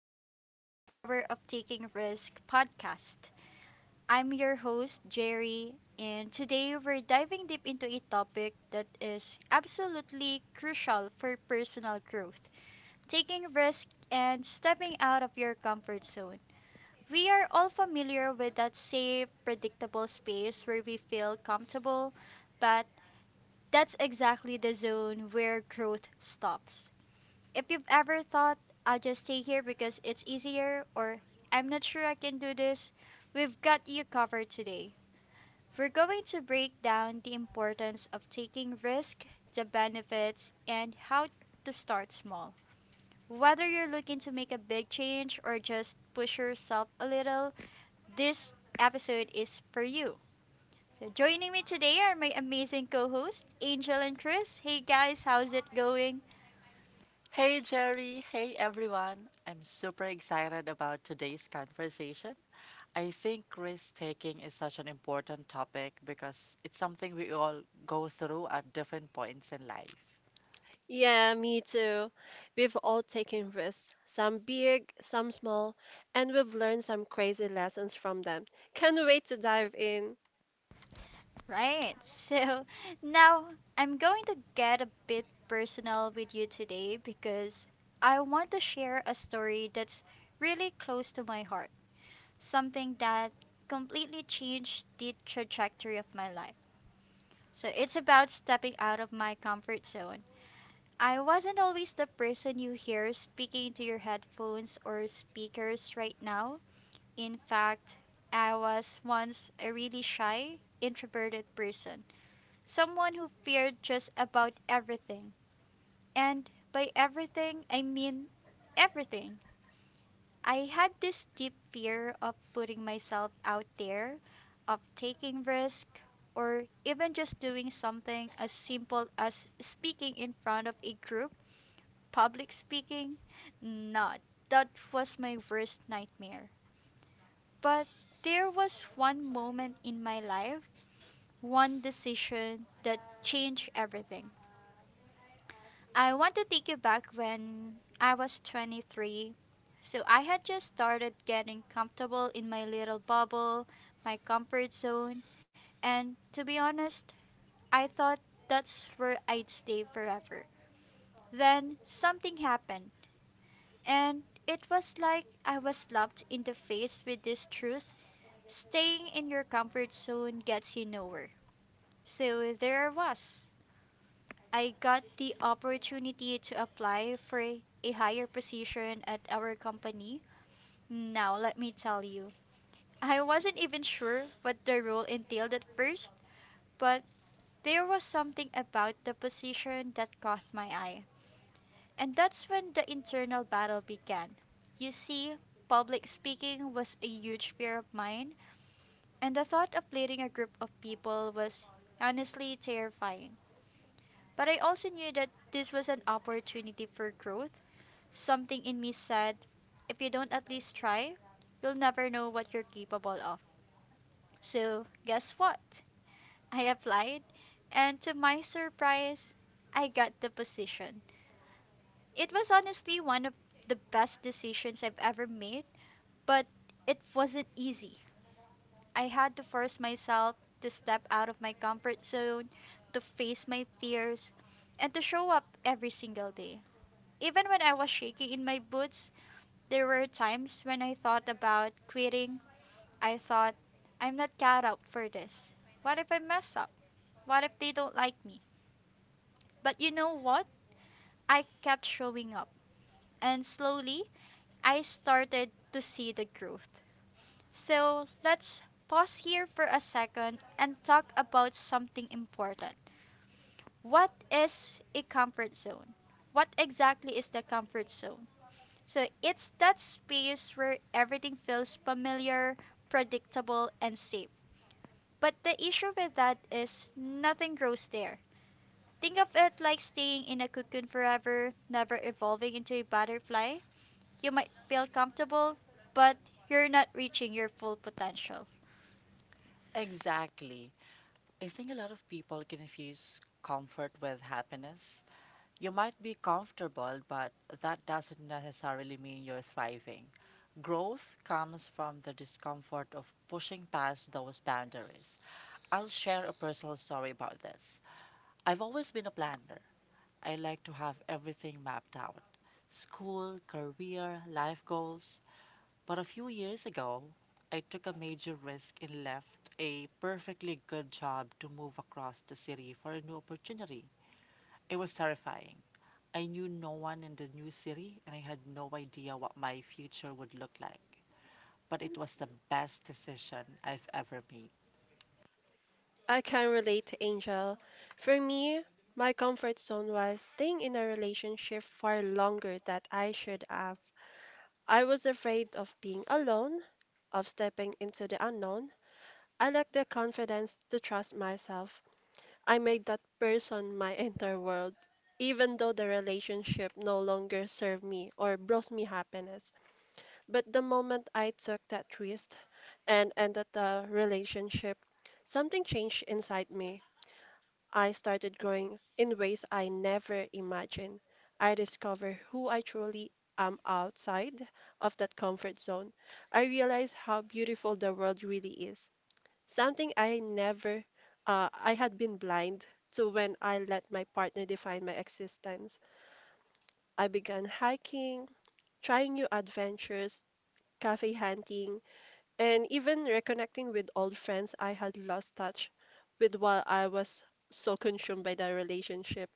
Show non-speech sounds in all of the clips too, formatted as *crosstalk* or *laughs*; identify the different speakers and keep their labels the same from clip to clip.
Speaker 1: to the Power of Taking Risk podcast. I'm your host, Jerry, and today we're diving deep into a topic that is absolutely crucial for personal growth, taking risk and stepping out of your comfort zone. We are all familiar with that safe, predictable space where we feel comfortable, but that's exactly the zone where growth stops. If you've ever thought, I'll just stay here because it's easier, or I'm not sure I can do this, we've got you covered today. We're going to break down the importance of taking risk, the benefits, and how to start small. Whether you're looking to make a big change or just push yourself a little, this episode is for you. So joining me today are my amazing co-hosts, Angel and Chris. Hey guys, how's it going?
Speaker 2: Hey Jerry, hey everyone. I'm super excited about today's conversation. I think risk taking is such an important topic because it's something we all go through at different points in life.
Speaker 3: Yeah, me too. We've all taken risks, some big, some small, and we've learned some crazy lessons from them. Can't wait to dive in.
Speaker 1: Right. *laughs* So now I'm going to get a bit personal with you today, because I want to share a story that's really close to my heart. Something that completely changed the trajectory of my life. So it's about stepping out of my comfort zone. I wasn't always the person you hear speaking to your headphones or speakers right now. In fact, I was once a really shy, introverted person, someone who feared just about everything. And by everything, I mean everything. I had this deep fear of putting myself out there, of taking risk, or even just doing something as simple as speaking in front of a group. Public speaking, not. That was my worst nightmare. But there was one moment in my life, one decision that changed everything. I want to take you back when I was 23. So I had just started getting comfortable in my little bubble, my comfort zone, and to be honest, I thought that's where I'd stay forever. Then something happened, and it was like I was slapped in the face with this truth: staying in your comfort zone gets you nowhere. So there I was, I got the opportunity to apply for a higher position at our company. Now, let me tell you, I wasn't even sure what the role entailed at first, but there was something about the position that caught my eye. And that's when the internal battle began. You see, public speaking was a huge fear of mine, and the thought of leading a group of people was honestly terrifying. But I also knew that this was an opportunity for growth. Something in me said, if you don't at least try, you'll never know what you're capable of. So, guess what? *laughs* I applied, and to my surprise, I got the position. It was honestly one of the best decisions I've ever made, but it wasn't easy. I had to force myself to step out of my comfort zone, to face my fears, and to show up every single day, even when I was shaking in my boots. There were times when I thought about quitting. I thought, I'm not cut out for this. What if I mess up? What if they don't like me? But you know what? I kept showing up, and slowly I started to see the growth. So let's pause here for a second and talk about something important. What is a comfort zone? What exactly is the comfort zone? So it's that space where everything feels familiar, predictable, and safe. But the issue with that is nothing grows there. Think of it like staying in a cocoon forever, never evolving into a butterfly. You might feel comfortable, but you're not reaching your full potential.
Speaker 2: Exactly. I think a lot of people confuse comfort with happiness. You might be comfortable, but that doesn't necessarily mean you're thriving. Growth comes from the discomfort of pushing past those boundaries. I'll share a personal story about this. I've always been a planner. I like to have everything mapped out: school, career, life goals. But a few years ago, I took a major risk and left a perfectly good job to move across the city for a new opportunity. It was terrifying. I knew no one in the new city and I had no idea what my future would look like. But it was the best decision I've ever made.
Speaker 3: I can relate to Angel. For me, my comfort zone was staying in a relationship far longer than I should have. I was afraid of being alone, of stepping into the unknown. I lacked the confidence to trust myself. I made that person my *laughs* entire world, even though the relationship no longer served me or brought me happiness. But the moment I took that risk and ended the relationship, something changed inside me. I started growing in ways I never imagined. I discovered who I truly am outside of that comfort zone. I realized how beautiful the world really is. Something I never, I had been blind to when I let my partner define my existence. I began hiking, trying new adventures, cafe hunting, and even reconnecting with old friends I had lost touch with while I was so consumed by the relationship.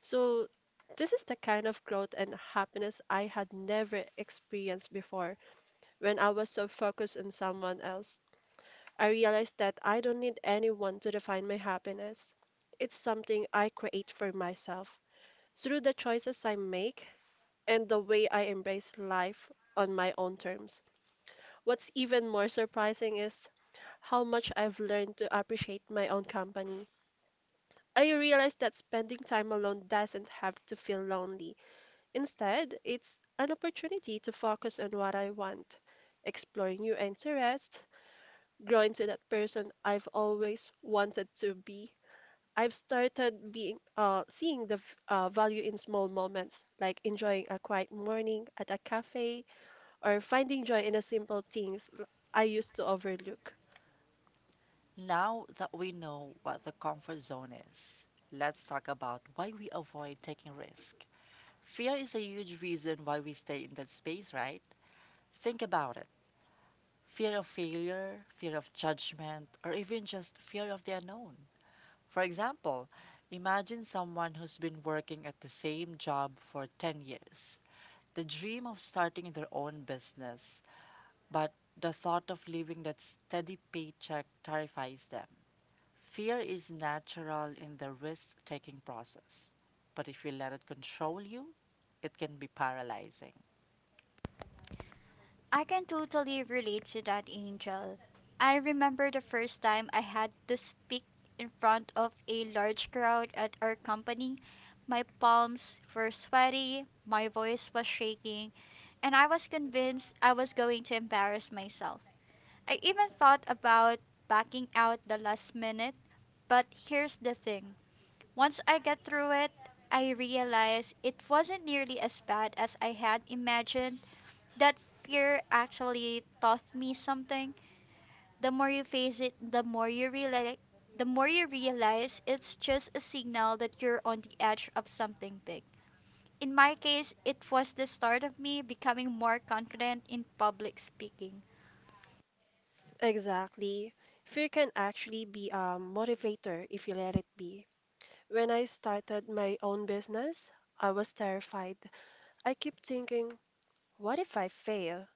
Speaker 3: So, this is the kind of growth and happiness I had never experienced before when I was so focused on someone else. I realized that I don't need anyone to define my happiness. It's something I create for myself through the choices I make and the way I embrace life on my own terms. What's even more surprising is how much I've learned to appreciate my own company. I realized that spending time alone doesn't have to feel lonely. Instead, it's an opportunity to focus on what I want, explore new interests, grow into that person I've always wanted to be. I've started being seeing the v- value in small moments, like enjoying a quiet morning at a cafe or finding joy in the simple things I used to overlook.
Speaker 2: Now that we know what the comfort zone is, let's talk about why we avoid taking risk. Fear is a huge reason why we stay in that space, right? Think about it. Fear of failure, fear of judgment, or even just fear of the unknown. For example, imagine someone who's been working at the same job for 10 years. The dream of starting their own business, but the thought of leaving that steady paycheck terrifies them. Fear is natural in the risk taking process, but if you let it control you, it can be paralyzing.
Speaker 1: I can totally relate to that, Angel. I remember the first time I had to speak in front of a large crowd at our company. My palms were sweaty, my voice was shaking, and I was convinced I was going to embarrass myself. I even thought about backing out the last minute, but here's the thing. Once I got through it, I realized it wasn't nearly as bad as I had imagined, that fear actually taught me something. The more you face it, the more you realize it's just a signal that you're on the edge of something big. In my case, it was the start of me becoming more confident in public speaking.
Speaker 3: Exactly. Fear can actually be a motivator if you let it be. When I started my own business, I was terrified. I kept thinking, what if I fail?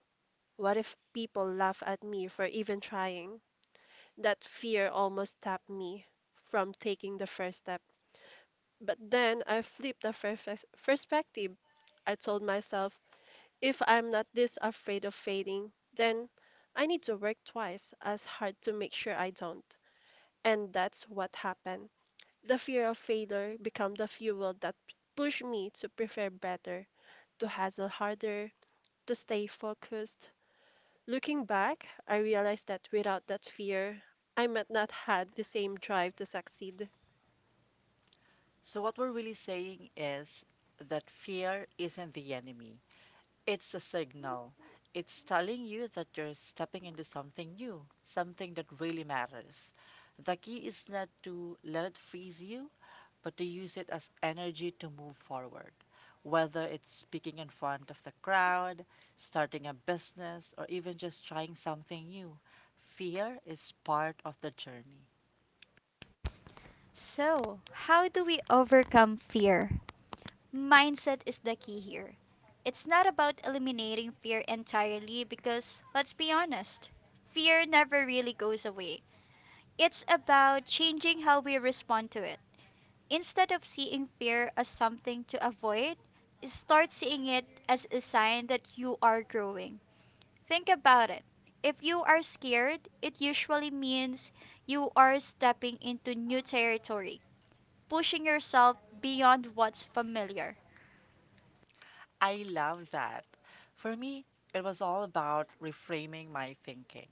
Speaker 3: What if people laugh at me for even trying? That fear almost stopped me from taking the first step. But then I flipped the perspective. I told myself, if I'm not this afraid of failing, then I need to work twice as hard to make sure I don't. And that's what happened. The fear of failure became the fuel that pushed me to prepare better, to hustle harder, to stay focused. Looking back, I realized that without that fear, I might not had the same drive to succeed.
Speaker 2: So, what we're really saying is that fear isn't the enemy, it's a signal. It's telling you that you're stepping into something new, something that really matters. The key is not to let it freeze you, but to use it as energy to move forward. Whether it's speaking in front of the crowd, starting a business, or even just trying something new, fear is part of the journey.
Speaker 1: So, how do we overcome fear? Mindset is the key here. It's not about eliminating fear entirely, because, let's be honest, fear never really goes away. It's about changing how we respond to it. Instead of seeing fear as something to avoid, start seeing it as a sign that you are growing. Think about it. If you are scared, it usually means you are stepping into new territory, pushing yourself beyond what's familiar.
Speaker 2: I love that. For me, it was all about reframing my thinking.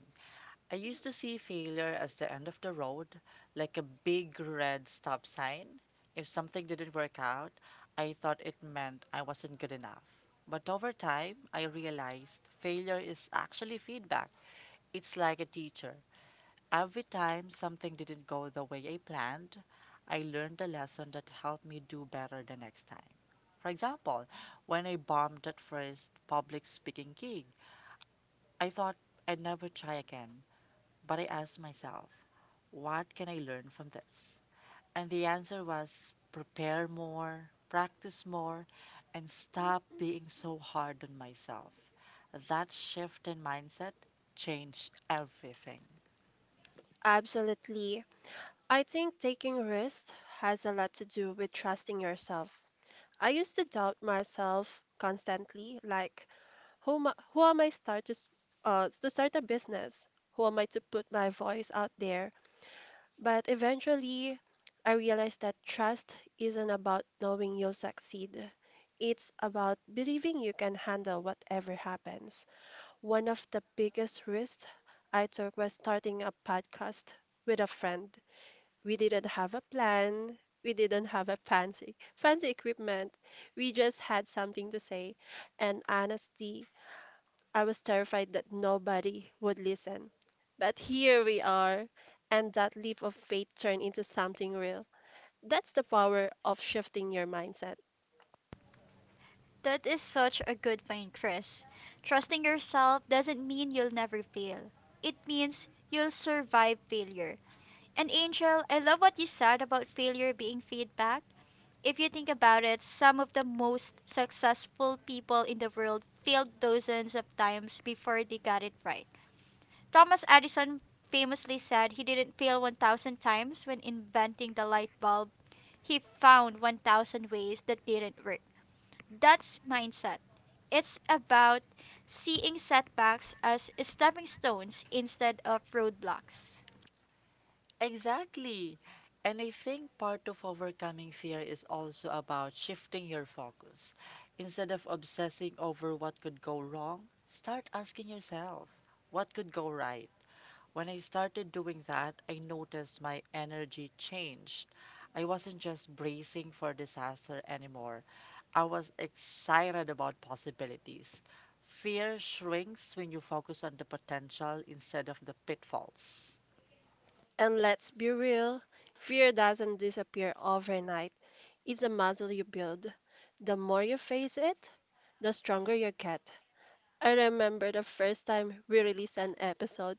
Speaker 2: I used to see failure as the end of the road, like a big red stop sign. If something didn't work out, I thought it meant I wasn't good enough. But over time, I realized failure is actually feedback. It's like a teacher. Every time something didn't go the way I planned, I learned a lesson that helped me do better the next time. For example, when I bombed that first public speaking gig, I thought I'd never try again, but I asked myself, what can I learn from this? And the answer was: prepare more, practice more, and stop being so hard on myself. That shift in mindset changed everything.
Speaker 3: Absolutely. I think taking risks has a lot to do with trusting yourself. I used to doubt myself constantly, like who am I start to s- to start a business? Who am I to put my voice out there? But eventually, I realized that trust isn't about knowing you'll succeed. It's about believing you can handle whatever happens. One of the biggest risks I took was starting a podcast with a friend. We didn't have a plan. We didn't have a fancy equipment. We just had something to say. And honestly, I was terrified that nobody would listen. But here we are, and that leap of faith turned into something real. That's the power of shifting your mindset.
Speaker 1: That is such a good point, Chris. Trusting yourself doesn't mean you'll never fail, it means you'll survive failure. And Angel, I love what you said about failure being feedback. If you think about it, some of the most successful people in the world failed dozens of times before they got it right. Thomas Edison famously said he didn't fail 1,000 times when inventing the light bulb, he found 1,000 ways that didn't work. That's mindset. It's about seeing setbacks as stepping stones instead of roadblocks.
Speaker 2: Exactly. And I think part of overcoming fear is also about shifting your focus. Instead of obsessing over what could go wrong, start asking yourself, what could go right? When I started doing that, I noticed my energy changed. I wasn't just bracing for disaster anymore. I was excited about possibilities. Fear shrinks when you focus on the potential instead of the pitfalls.
Speaker 3: And let's be real, fear doesn't disappear overnight. It's a muscle you build. The more you face it, the stronger you get. I remember the first time we released an episode.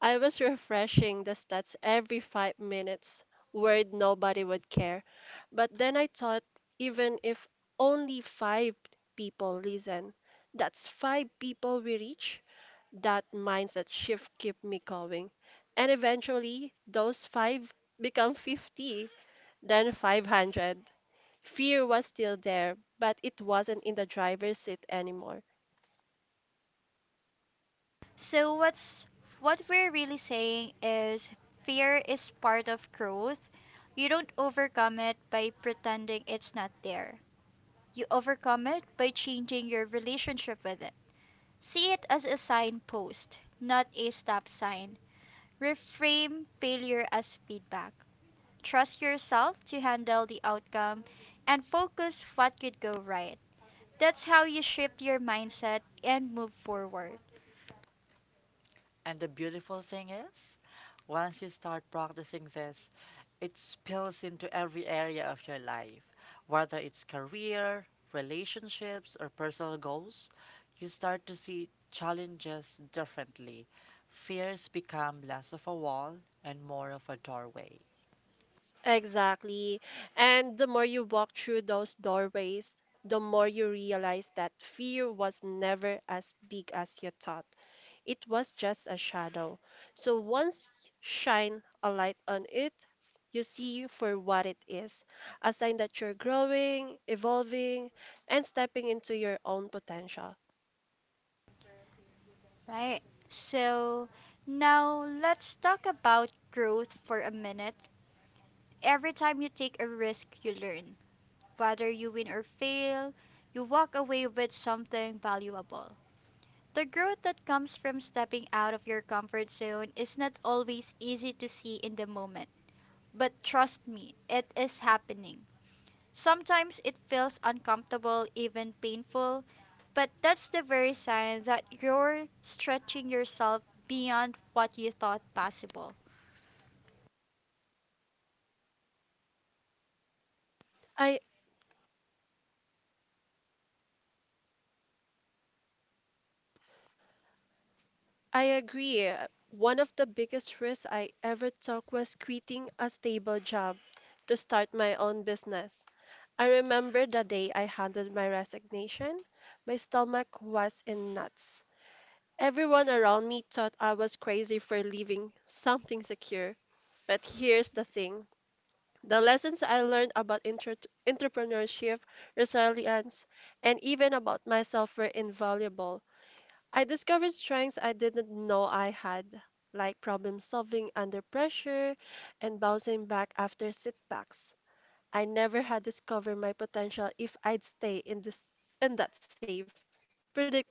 Speaker 3: I was refreshing the stats every 5 minutes, worried nobody would care. But then I thought, even if only five people listen, that's five people we reach. That mindset shift kept me going. And eventually, those five become 50, then 500. Fear was still there, but it wasn't in the driver's seat anymore.
Speaker 1: So what we're really saying is, fear is part of growth. You don't overcome it by pretending it's not there. You overcome it by changing your relationship with it. See it as a signpost, not a stop sign. Reframe failure as feedback. Trust yourself to handle the outcome, and focus what could go right. That's how you shift your mindset and move forward.
Speaker 2: And the beautiful thing is, once you start practicing this, it spills into every area of your life. Whether it's career, relationships, or personal goals, you start to see challenges differently. Fears become less of a wall and more of a doorway.
Speaker 3: Exactly. And the more you walk through those doorways, the more you realize that fear was never as big as you thought. It was just a shadow. So once shine a light on it, you see for what it is, a sign that you're growing, evolving, and stepping into your own potential.
Speaker 1: Right. So now let's talk about growth for a minute. Every time you take a risk, you learn. Whether you win or fail, you walk away with something valuable. The growth that comes from stepping out of your comfort zone is not always easy to see in the moment. But trust me, it is happening. Sometimes it feels uncomfortable, even painful, but that's the very sign that you're stretching yourself beyond what you thought possible.
Speaker 3: I I agree. One of the biggest risks I ever took was quitting a stable job to start my own business. I remember the day I handed my resignation. My stomach was in knots. Everyone around me thought I was crazy for leaving something secure. But here's the thing, the lessons I learned about entrepreneurship, resilience, and even about myself were invaluable. I discovered strengths I didn't know I had, like problem solving under pressure and bouncing back after setbacks. I never had discovered my potential if I'd stay in this in that safe, predictable job.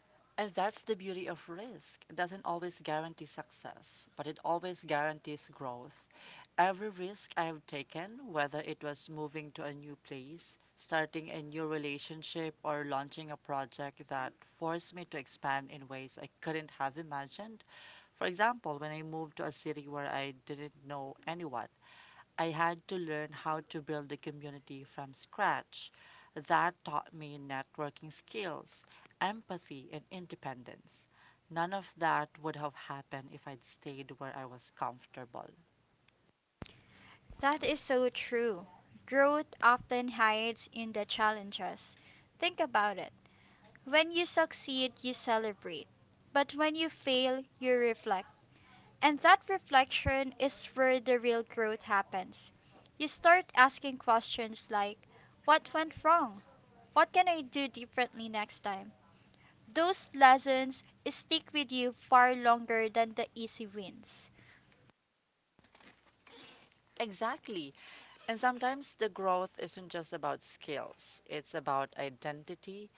Speaker 2: And that's the beauty of risk. It doesn't always guarantee success, but it always guarantees growth. Every risk I've taken, whether it was moving to a new place, starting a new relationship, or launching a project, that forced me to expand in ways I couldn't have imagined. For example, when I moved to a city where I didn't know anyone, I had to learn how to build a community from scratch. That taught me networking skills, empathy, and independence. None of that would have happened if I'd stayed where I was comfortable.
Speaker 1: That is so true. Growth often hides in the challenges. Think about it. When you succeed, you celebrate. But when you fail, you reflect. And that reflection is where the real growth happens. You start asking questions like, what went wrong? What can I do differently next time? Those lessons stick with you far longer than the easy wins.
Speaker 2: Exactly. And sometimes the growth isn't just about skills, it's about identity.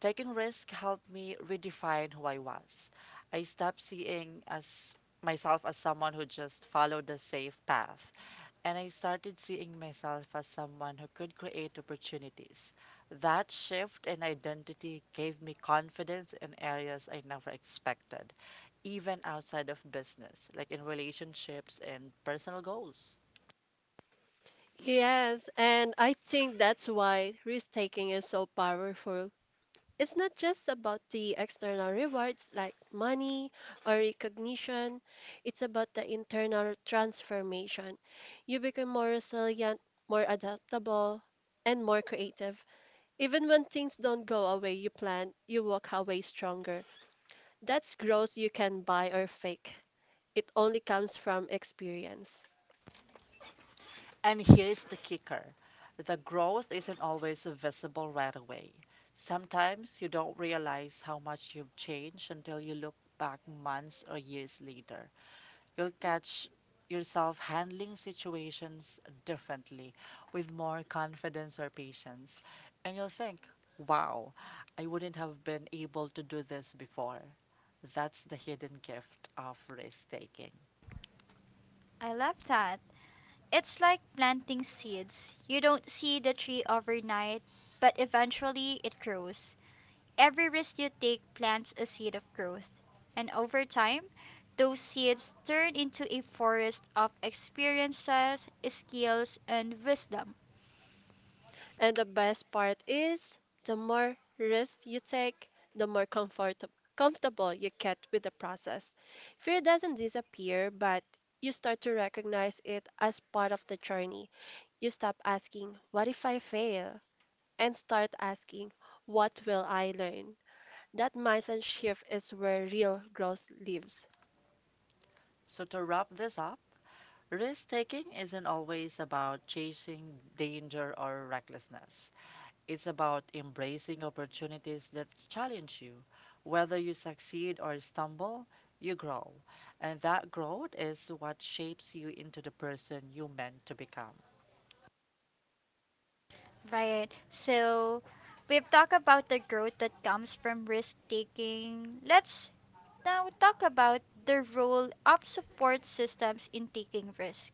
Speaker 2: Taking risk helped me redefine who I was. I stopped seeing as myself as someone who just followed the safe path, and I started seeing myself as someone who could create opportunities. That shift in identity gave me confidence in areas I never expected, even outside of business, like in relationships and personal goals.
Speaker 3: Yes, and I think that's why risk taking is so powerful. It's not just about the external rewards like money or recognition, it's about the internal transformation. You become more resilient, more adaptable, and more creative. Even when things don't go away you plan, you walk away stronger. That's growth you can buy or fake. It only comes from experience.
Speaker 2: And here's the kicker: the growth isn't always visible right away. Sometimes you don't realize how much you've changed until you look back months or years later. You'll catch yourself handling situations differently, with more confidence or patience, and you'll think, wow, I wouldn't have been able to do this before. That's the hidden gift of risk taking.
Speaker 1: I love that. It's like planting seeds. You don't see the tree overnight, but eventually it grows. Every risk you take plants a seed of growth. And over time, those seeds turn into a forest of experiences, skills, and wisdom.
Speaker 3: And the best part is the more risk you take, the more comfortable you get with the process. Fear doesn't disappear, but you start to recognize it as part of the journey. You stop asking, "What if I fail?" and start asking, "What will I learn?" That mindset shift is where real growth lives.
Speaker 2: So, to wrap this up, risk taking isn't always about chasing danger or recklessness. It's about embracing opportunities that challenge you. Whether you succeed or stumble, you grow. And that growth is what shapes you into the person you meant to become.
Speaker 1: Right. So, we've talked about the growth that comes from risk taking. Let's now talk about the role of support systems in taking risk.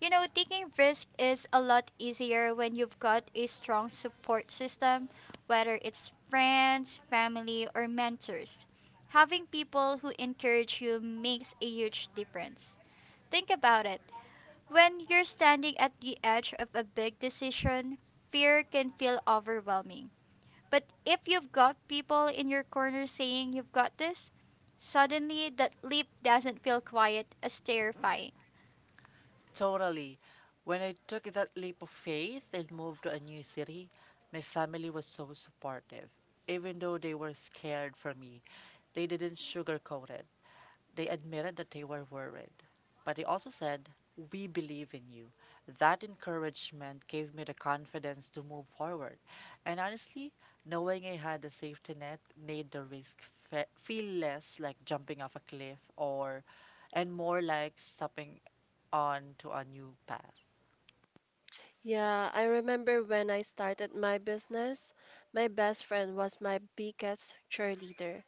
Speaker 1: You know, taking risk is a lot easier when you've got a strong support system, whether it's friends, family, or mentors. Having people who encourage you makes a huge difference. Think about it. When you're standing at the edge of a big decision, fear can feel overwhelming. But if you've got people in your corner saying you've got this, suddenly that leap doesn't feel quiet as terrifying.
Speaker 2: Totally. When I took that leap of faith and moved to a new city, my family was so supportive. Even though they were scared for me, they didn't sugarcoat it. They admitted that they were worried, but they also said, we believe in you. That encouragement gave me the confidence to move forward. And honestly, knowing I had a safety net made the risk feel less like jumping off a cliff or and more like stepping on to a new path.
Speaker 3: Yeah, I remember when I started my business, my best friend was my biggest cheerleader.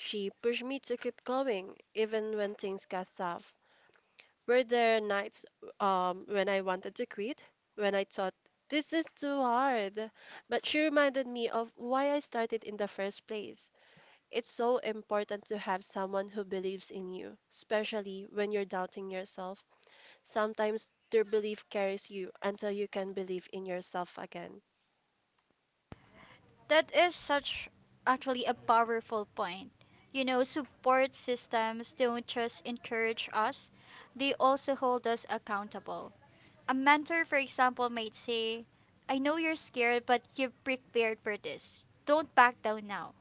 Speaker 3: She pushed me to keep going, even when things got tough. Were there nights, when I wanted to quit, when I thought, this is too hard? But she reminded me of why I started in the first place. It's so important to have someone who believes in you, especially when you're doubting yourself. Sometimes their belief carries you until you can believe in yourself again.
Speaker 1: That is such actually a powerful point. You know, support systems don't just encourage us, they also hold us accountable. A mentor, for example, might say, I know you're scared, but you've prepared for this. Don't back down now.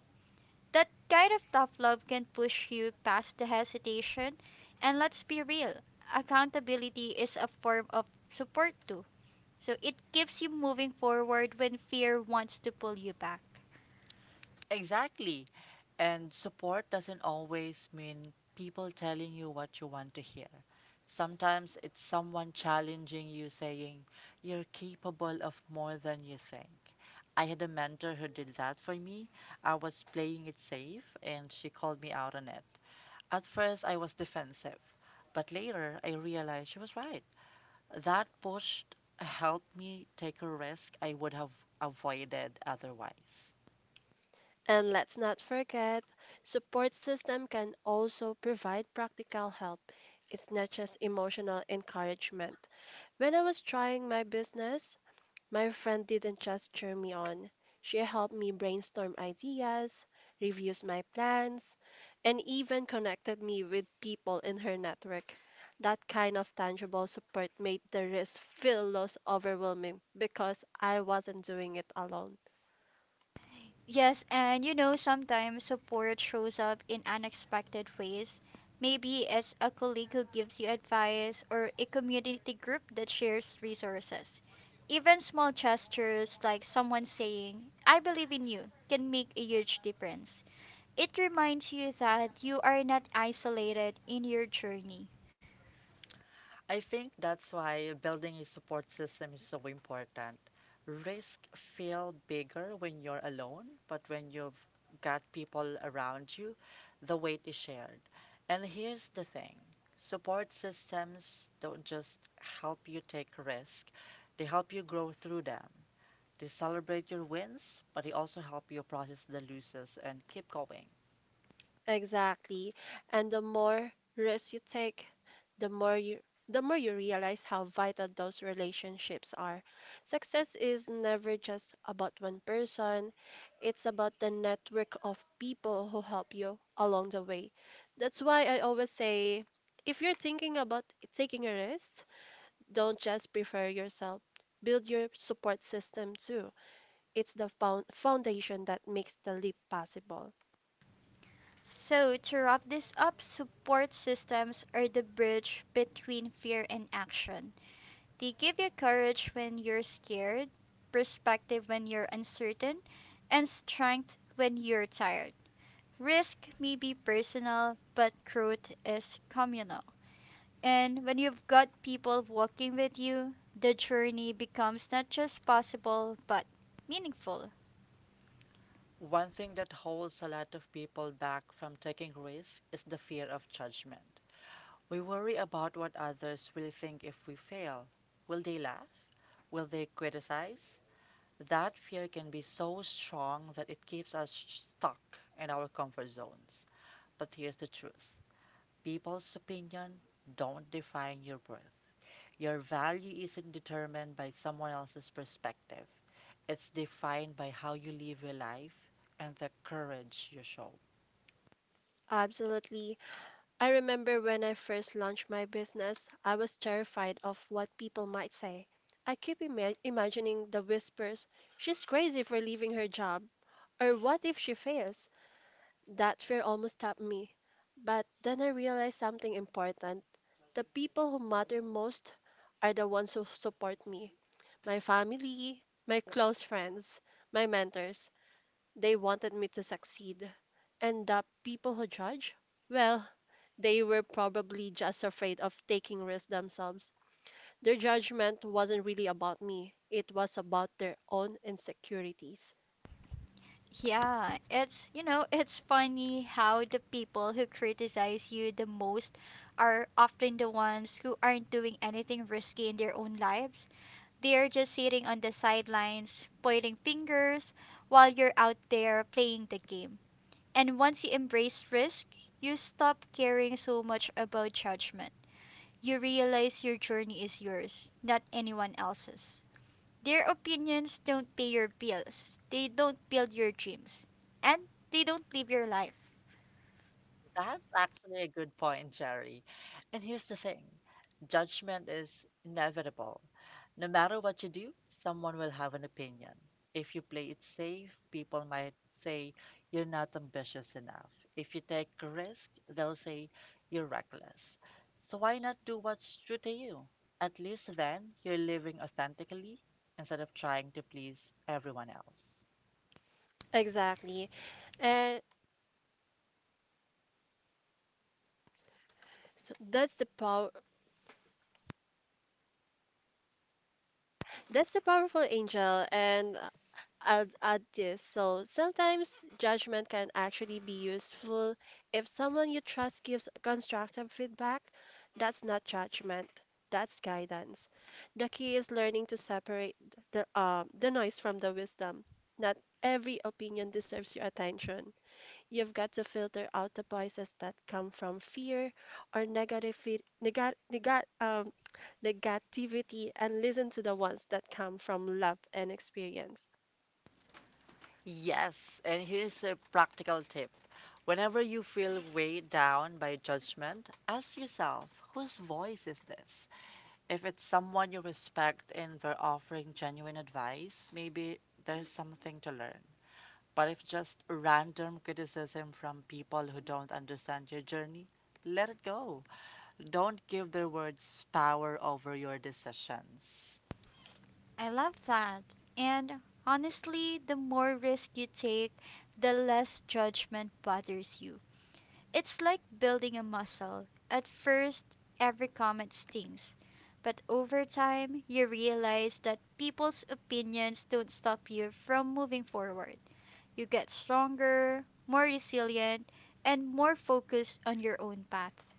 Speaker 1: That kind of tough love can push you past the hesitation. And let's be real, accountability is a form of support too. So it keeps you moving forward when fear wants to pull you back.
Speaker 2: Exactly. And support doesn't always mean people telling you what you want to hear. Sometimes it's someone challenging you, saying, you're capable of more than you think. I had a mentor who did that for me. I was playing it safe, and she called me out on it. At first, I was defensive, but later I realized she was right. That push helped me take a risk I would have avoided otherwise.
Speaker 3: And let's not forget, support system can also provide practical help. It's not just emotional encouragement. When I was trying my business, my friend didn't just cheer me on. She helped me brainstorm ideas, reviews my plans, and even connected me with people in her network. That kind of tangible support made the risk feel less overwhelming because I wasn't doing it alone.
Speaker 1: Yes, and you know, sometimes support shows up in unexpected ways. Maybe it's a colleague who gives you advice or a community group that shares resources. Even small gestures like someone saying, I believe in you, can make a huge difference. It reminds you that you are not isolated in your journey.
Speaker 2: I think that's why building a support system is so important. Risk feel bigger when you're alone, but when you've got people around you, the weight is shared. And here's the thing, support systems don't just help you take risk, they help you grow through them. They celebrate your wins, but they also help you process the losses and keep going.
Speaker 3: Exactly. And the more risks you take, the more you the more you realize how vital those relationships are. Success is never just about one person, it's about the network of people who help you along the way. That's why I always say if you're thinking about taking a risk, don't just prepare yourself. Build your support system too. It's the foundation that makes the leap possible.
Speaker 1: So, to wrap this up, support systems are the bridge between fear and action. They give you courage when you're scared, perspective when you're uncertain, and strength when you're tired. Risk may be personal, but growth is communal. And when you've got people walking with you, the journey becomes not just possible, but meaningful.
Speaker 2: One thing that holds a lot of people back from taking risks is the fear of judgment. We worry about what others will think if we fail. Will they laugh? Will they criticize? That fear can be so strong that it keeps us stuck in our comfort zones. But here's the truth: people's opinion don't define your worth. Your value isn't determined by someone else's perspective, it's defined by how you live your life and the courage you show.
Speaker 3: Absolutely. I remember when I first launched my business, I was terrified of what people might say. I keep imagining the whispers, she's crazy for leaving her job, or what if she fails? That fear almost stopped me. But then I realized something important. The people who matter most are the ones who support me, my family, my close friends, my mentors. They wanted me to succeed. And the people who judge? Well, they were probably just afraid of taking risks themselves. Their judgment wasn't really about me, it was about their own insecurities.
Speaker 1: Yeah, it's, you know, it's funny how the people who criticize you the most are often the ones who aren't doing anything risky in their own lives. They're just sitting on the sidelines, pointing fingers while you're out there playing the game. And once you embrace risk, you stop caring so much about judgment. You realize your journey is yours, not anyone else's. Their opinions don't pay your bills, they don't build your dreams, and they don't live your life.
Speaker 2: That's actually a good point, Jerry. And here's the thing: judgment is inevitable. No matter what you do, someone will have an opinion. If you play it safe, people might say you're not ambitious enough. If you take a risk, they'll say you're reckless. So why not do what's true to you? At least then, you're living authentically instead of trying to please everyone else.
Speaker 3: Exactly. And so that's the power That's the powerful angel, and I'll add this. So sometimes judgment can actually be useful if someone you trust gives constructive feedback. That's not judgment. That's guidance. The key is learning to separate the noise from the wisdom. Not every opinion deserves your attention. You've got to filter out the voices that come from fear or negative feed, nega, nega, the negativity and listen to the ones that come from love and experience.
Speaker 2: Yes, and here's a practical tip. Whenever you feel weighed down by judgment, ask yourself, whose voice is this? If it's someone you respect and they're offering genuine advice, maybe there's something to learn. But if just random criticism from people who don't understand your journey, let it go. Don't give their words power over your decisions.
Speaker 1: I love that. And honestly, the more risk you take, the less judgment bothers you. It's like building a muscle. At first, every comment stings, but over time, you realize that people's opinions don't stop you from moving forward. You get stronger, more resilient, and more focused on your own path.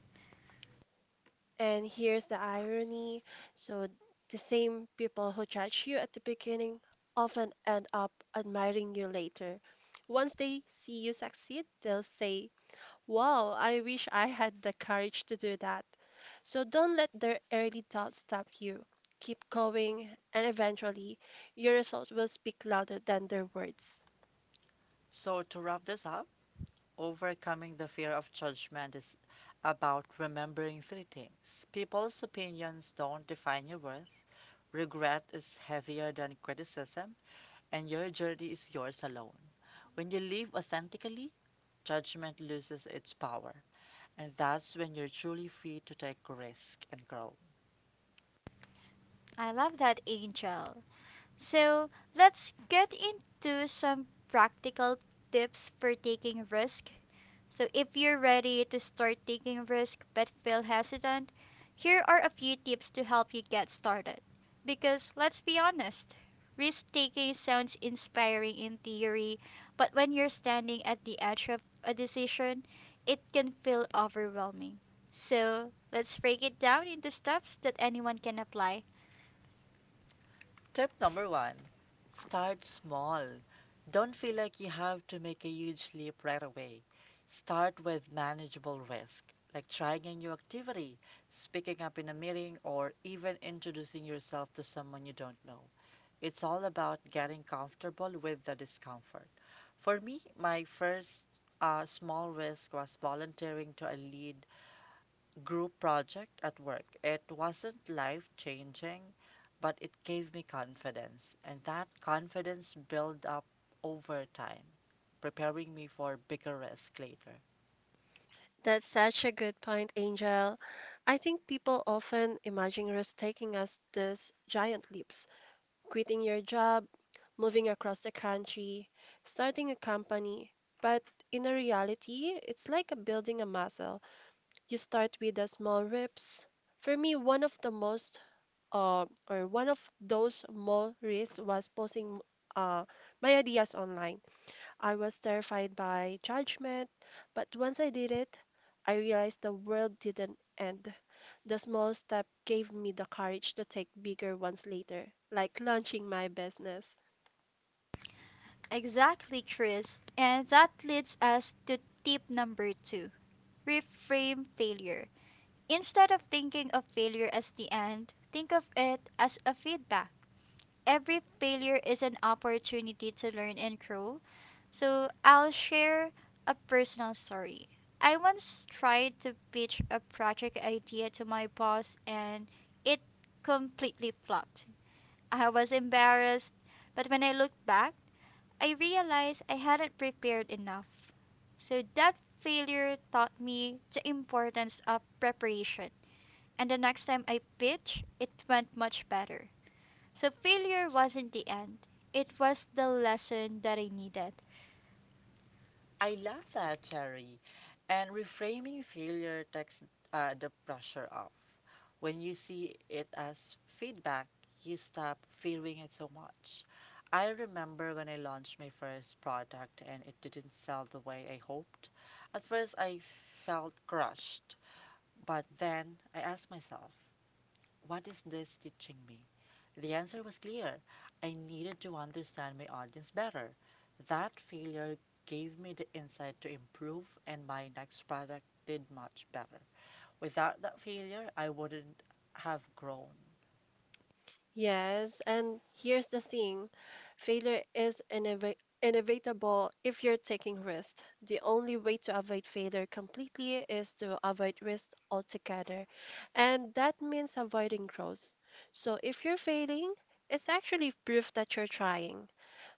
Speaker 3: And here's the irony, so, the same people who judge you at the beginning often end up admiring you later. Once they see you succeed, they'll say, "Wow, I wish I had the courage to do that." So don't let their early thoughts stop you. Keep going, and eventually, your results will speak louder than their words.
Speaker 2: So, to wrap this up, overcoming the fear of judgment is about remembering three things. People's opinions don't define your worth, regret is heavier than criticism, and your journey is yours alone. When you live authentically, judgment loses its power, and that's when you're truly free to take risk and grow.
Speaker 1: I love that, Angel. So let's get into some practical tips for taking risk. So if you're ready to start taking risk but feel hesitant, here are a few tips to help you get started. Because let's be honest, risk taking sounds inspiring in theory, but when you're standing at the edge of a decision, it can feel overwhelming. So let's break it down into steps that anyone can apply.
Speaker 2: Tip number one: start small. Don't feel like you have to make a huge leap right away. Start with manageable risk, like trying a new activity, speaking up in a meeting, or even introducing yourself to someone you don't know. It's all about getting comfortable with the discomfort. For me, my first small risk was volunteering to a lead group project at work. It wasn't life changing, but it gave me confidence, and that confidence built up over time, preparing me for bigger risk later.
Speaker 3: That's such a good point, Angel. I think people often imagine risk taking as these giant leaps, quitting your job, moving across the country, starting a company. But in a reality, it's like a building a muscle. You start with the small reps. For me, one of the most uh, or one of those small risks was posting uh, my ideas online. I was terrified by judgment, but once I did it, I realized the world didn't end. The small step gave me the courage to take bigger ones later, like launching my business.
Speaker 1: Exactly, Chris. And that leads us to tip number two: reframe failure. Instead of thinking of failure as the end, think of it as a feedback. Every failure is an opportunity to learn and grow. So I'll share a personal story. I once tried to pitch a project idea to my boss, and it completely flopped. I was embarrassed, but when I look back, I realized I hadn't prepared enough. So that failure taught me the importance of preparation. And the next time I pitched, it went much better. So failure wasn't the end, it was the lesson that I needed.
Speaker 2: I love that, Cherry. And reframing failure takes the pressure off. When you see it as feedback, you stop fearing it so much. I remember when I launched my first product and it didn't sell the way I hoped. At first, I felt crushed, but then I asked myself, what is this teaching me? The answer was clear. I needed to understand my audience better. That failure gave me the insight to improve, and my next product did much better. Without that failure, I wouldn't have grown.
Speaker 3: Yes, and here's the thing, failure is inevitable if you're taking risk. The only way to avoid failure completely is to avoid risk altogether, and that means avoiding growth. So if you're failing, it's actually proof that you're trying,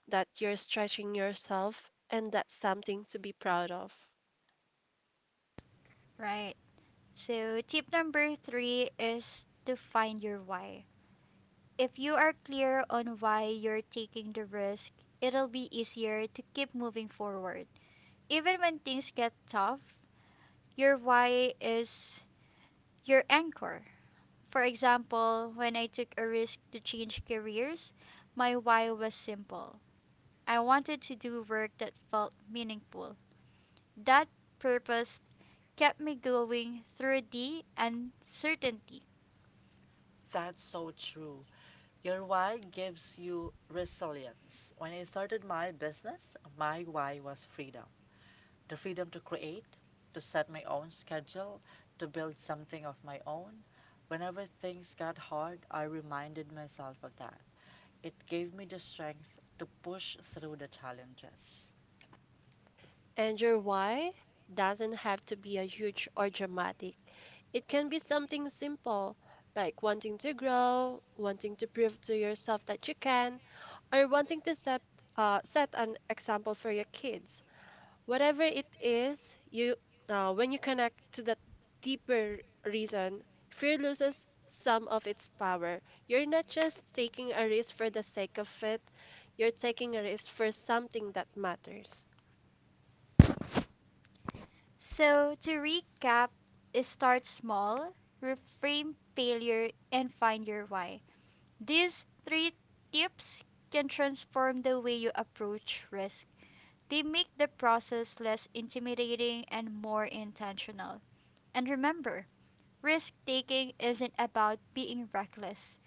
Speaker 3: that you're stretching yourself, and that's something to be proud of.
Speaker 1: Right. So tip number three is to find your why. If you are clear on why you're taking the risk, it'll be easier to keep moving forward. Even when things get tough, your why is your anchor. For example, when I took a risk to change careers, my why was simple. I wanted to do work that felt meaningful. That purpose kept me going through the uncertainty.
Speaker 2: That's so true. Your why gives you resilience. When I started my business, my why was freedom: the freedom to create, to set my own schedule, to build something of my own. Whenever things got hard, I reminded myself of that. It gave me the strength to push through the challenges.
Speaker 3: And your why doesn't have to be a huge or dramatic. It can be something simple, like wanting to grow, wanting to prove to yourself that you can, or wanting to set an example for your kids. Whatever it is, you when you connect to that deeper reason, fear loses some of its power. You're not just taking a risk for the sake of it, you're taking a risk for something that matters.
Speaker 1: So, to recap, is start small, reframe failure, and find your why. These three tips can transform the way you approach risk. They make the process less intimidating and more intentional. And remember, risk taking isn't about being reckless,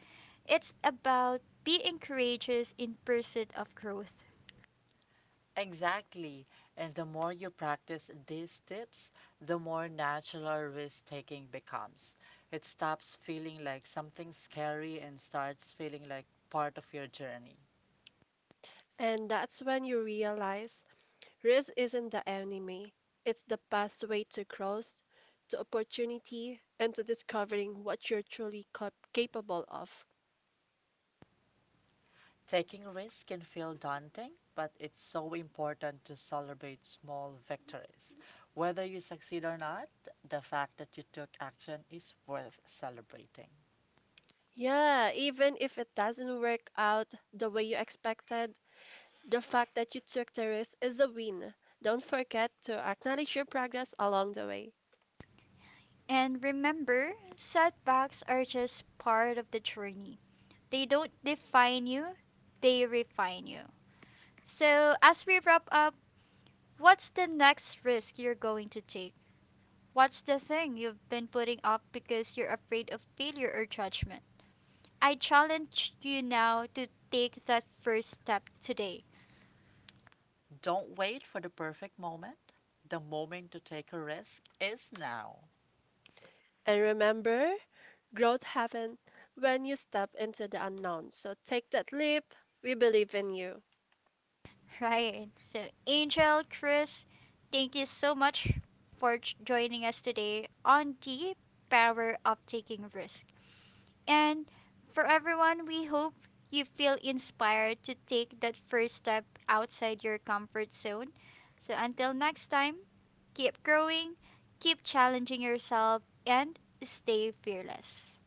Speaker 1: it's about being courageous in pursuit of growth.
Speaker 2: Exactly. And the more you practice these tips, the more natural risk taking becomes. It stops feeling like something scary and starts feeling like part of your journey.
Speaker 3: And that's when you realize risk isn't the enemy, it's the pathway to growth, to opportunity, and to discovering what you're truly capable of.
Speaker 2: Taking risks can feel daunting, but it's so important to celebrate small victories. Whether you succeed or not, the fact that you took action is worth celebrating.
Speaker 3: Yeah, even if it doesn't work out the way you expected, the fact that you took the risk is a win. Don't forget to acknowledge your progress along the way.
Speaker 1: And remember, setbacks are just part of the journey. They don't define you, they refine you. So, as we wrap up, what's the next risk you're going to take? What's the thing you've been putting off because you're afraid of failure or judgment? I challenge you now to take that first step today.
Speaker 2: Don't wait for the perfect moment. The moment to take a risk is now.
Speaker 3: And remember, growth happens when you step into the unknown. So take that leap. We believe in you.
Speaker 1: Right. So, Angel, Chris, thank you so much for joining us today on the Power of Taking Risk. And for everyone, we hope you feel inspired to take that first step outside your comfort zone. So, until next time, keep growing, keep challenging yourself, and stay fearless.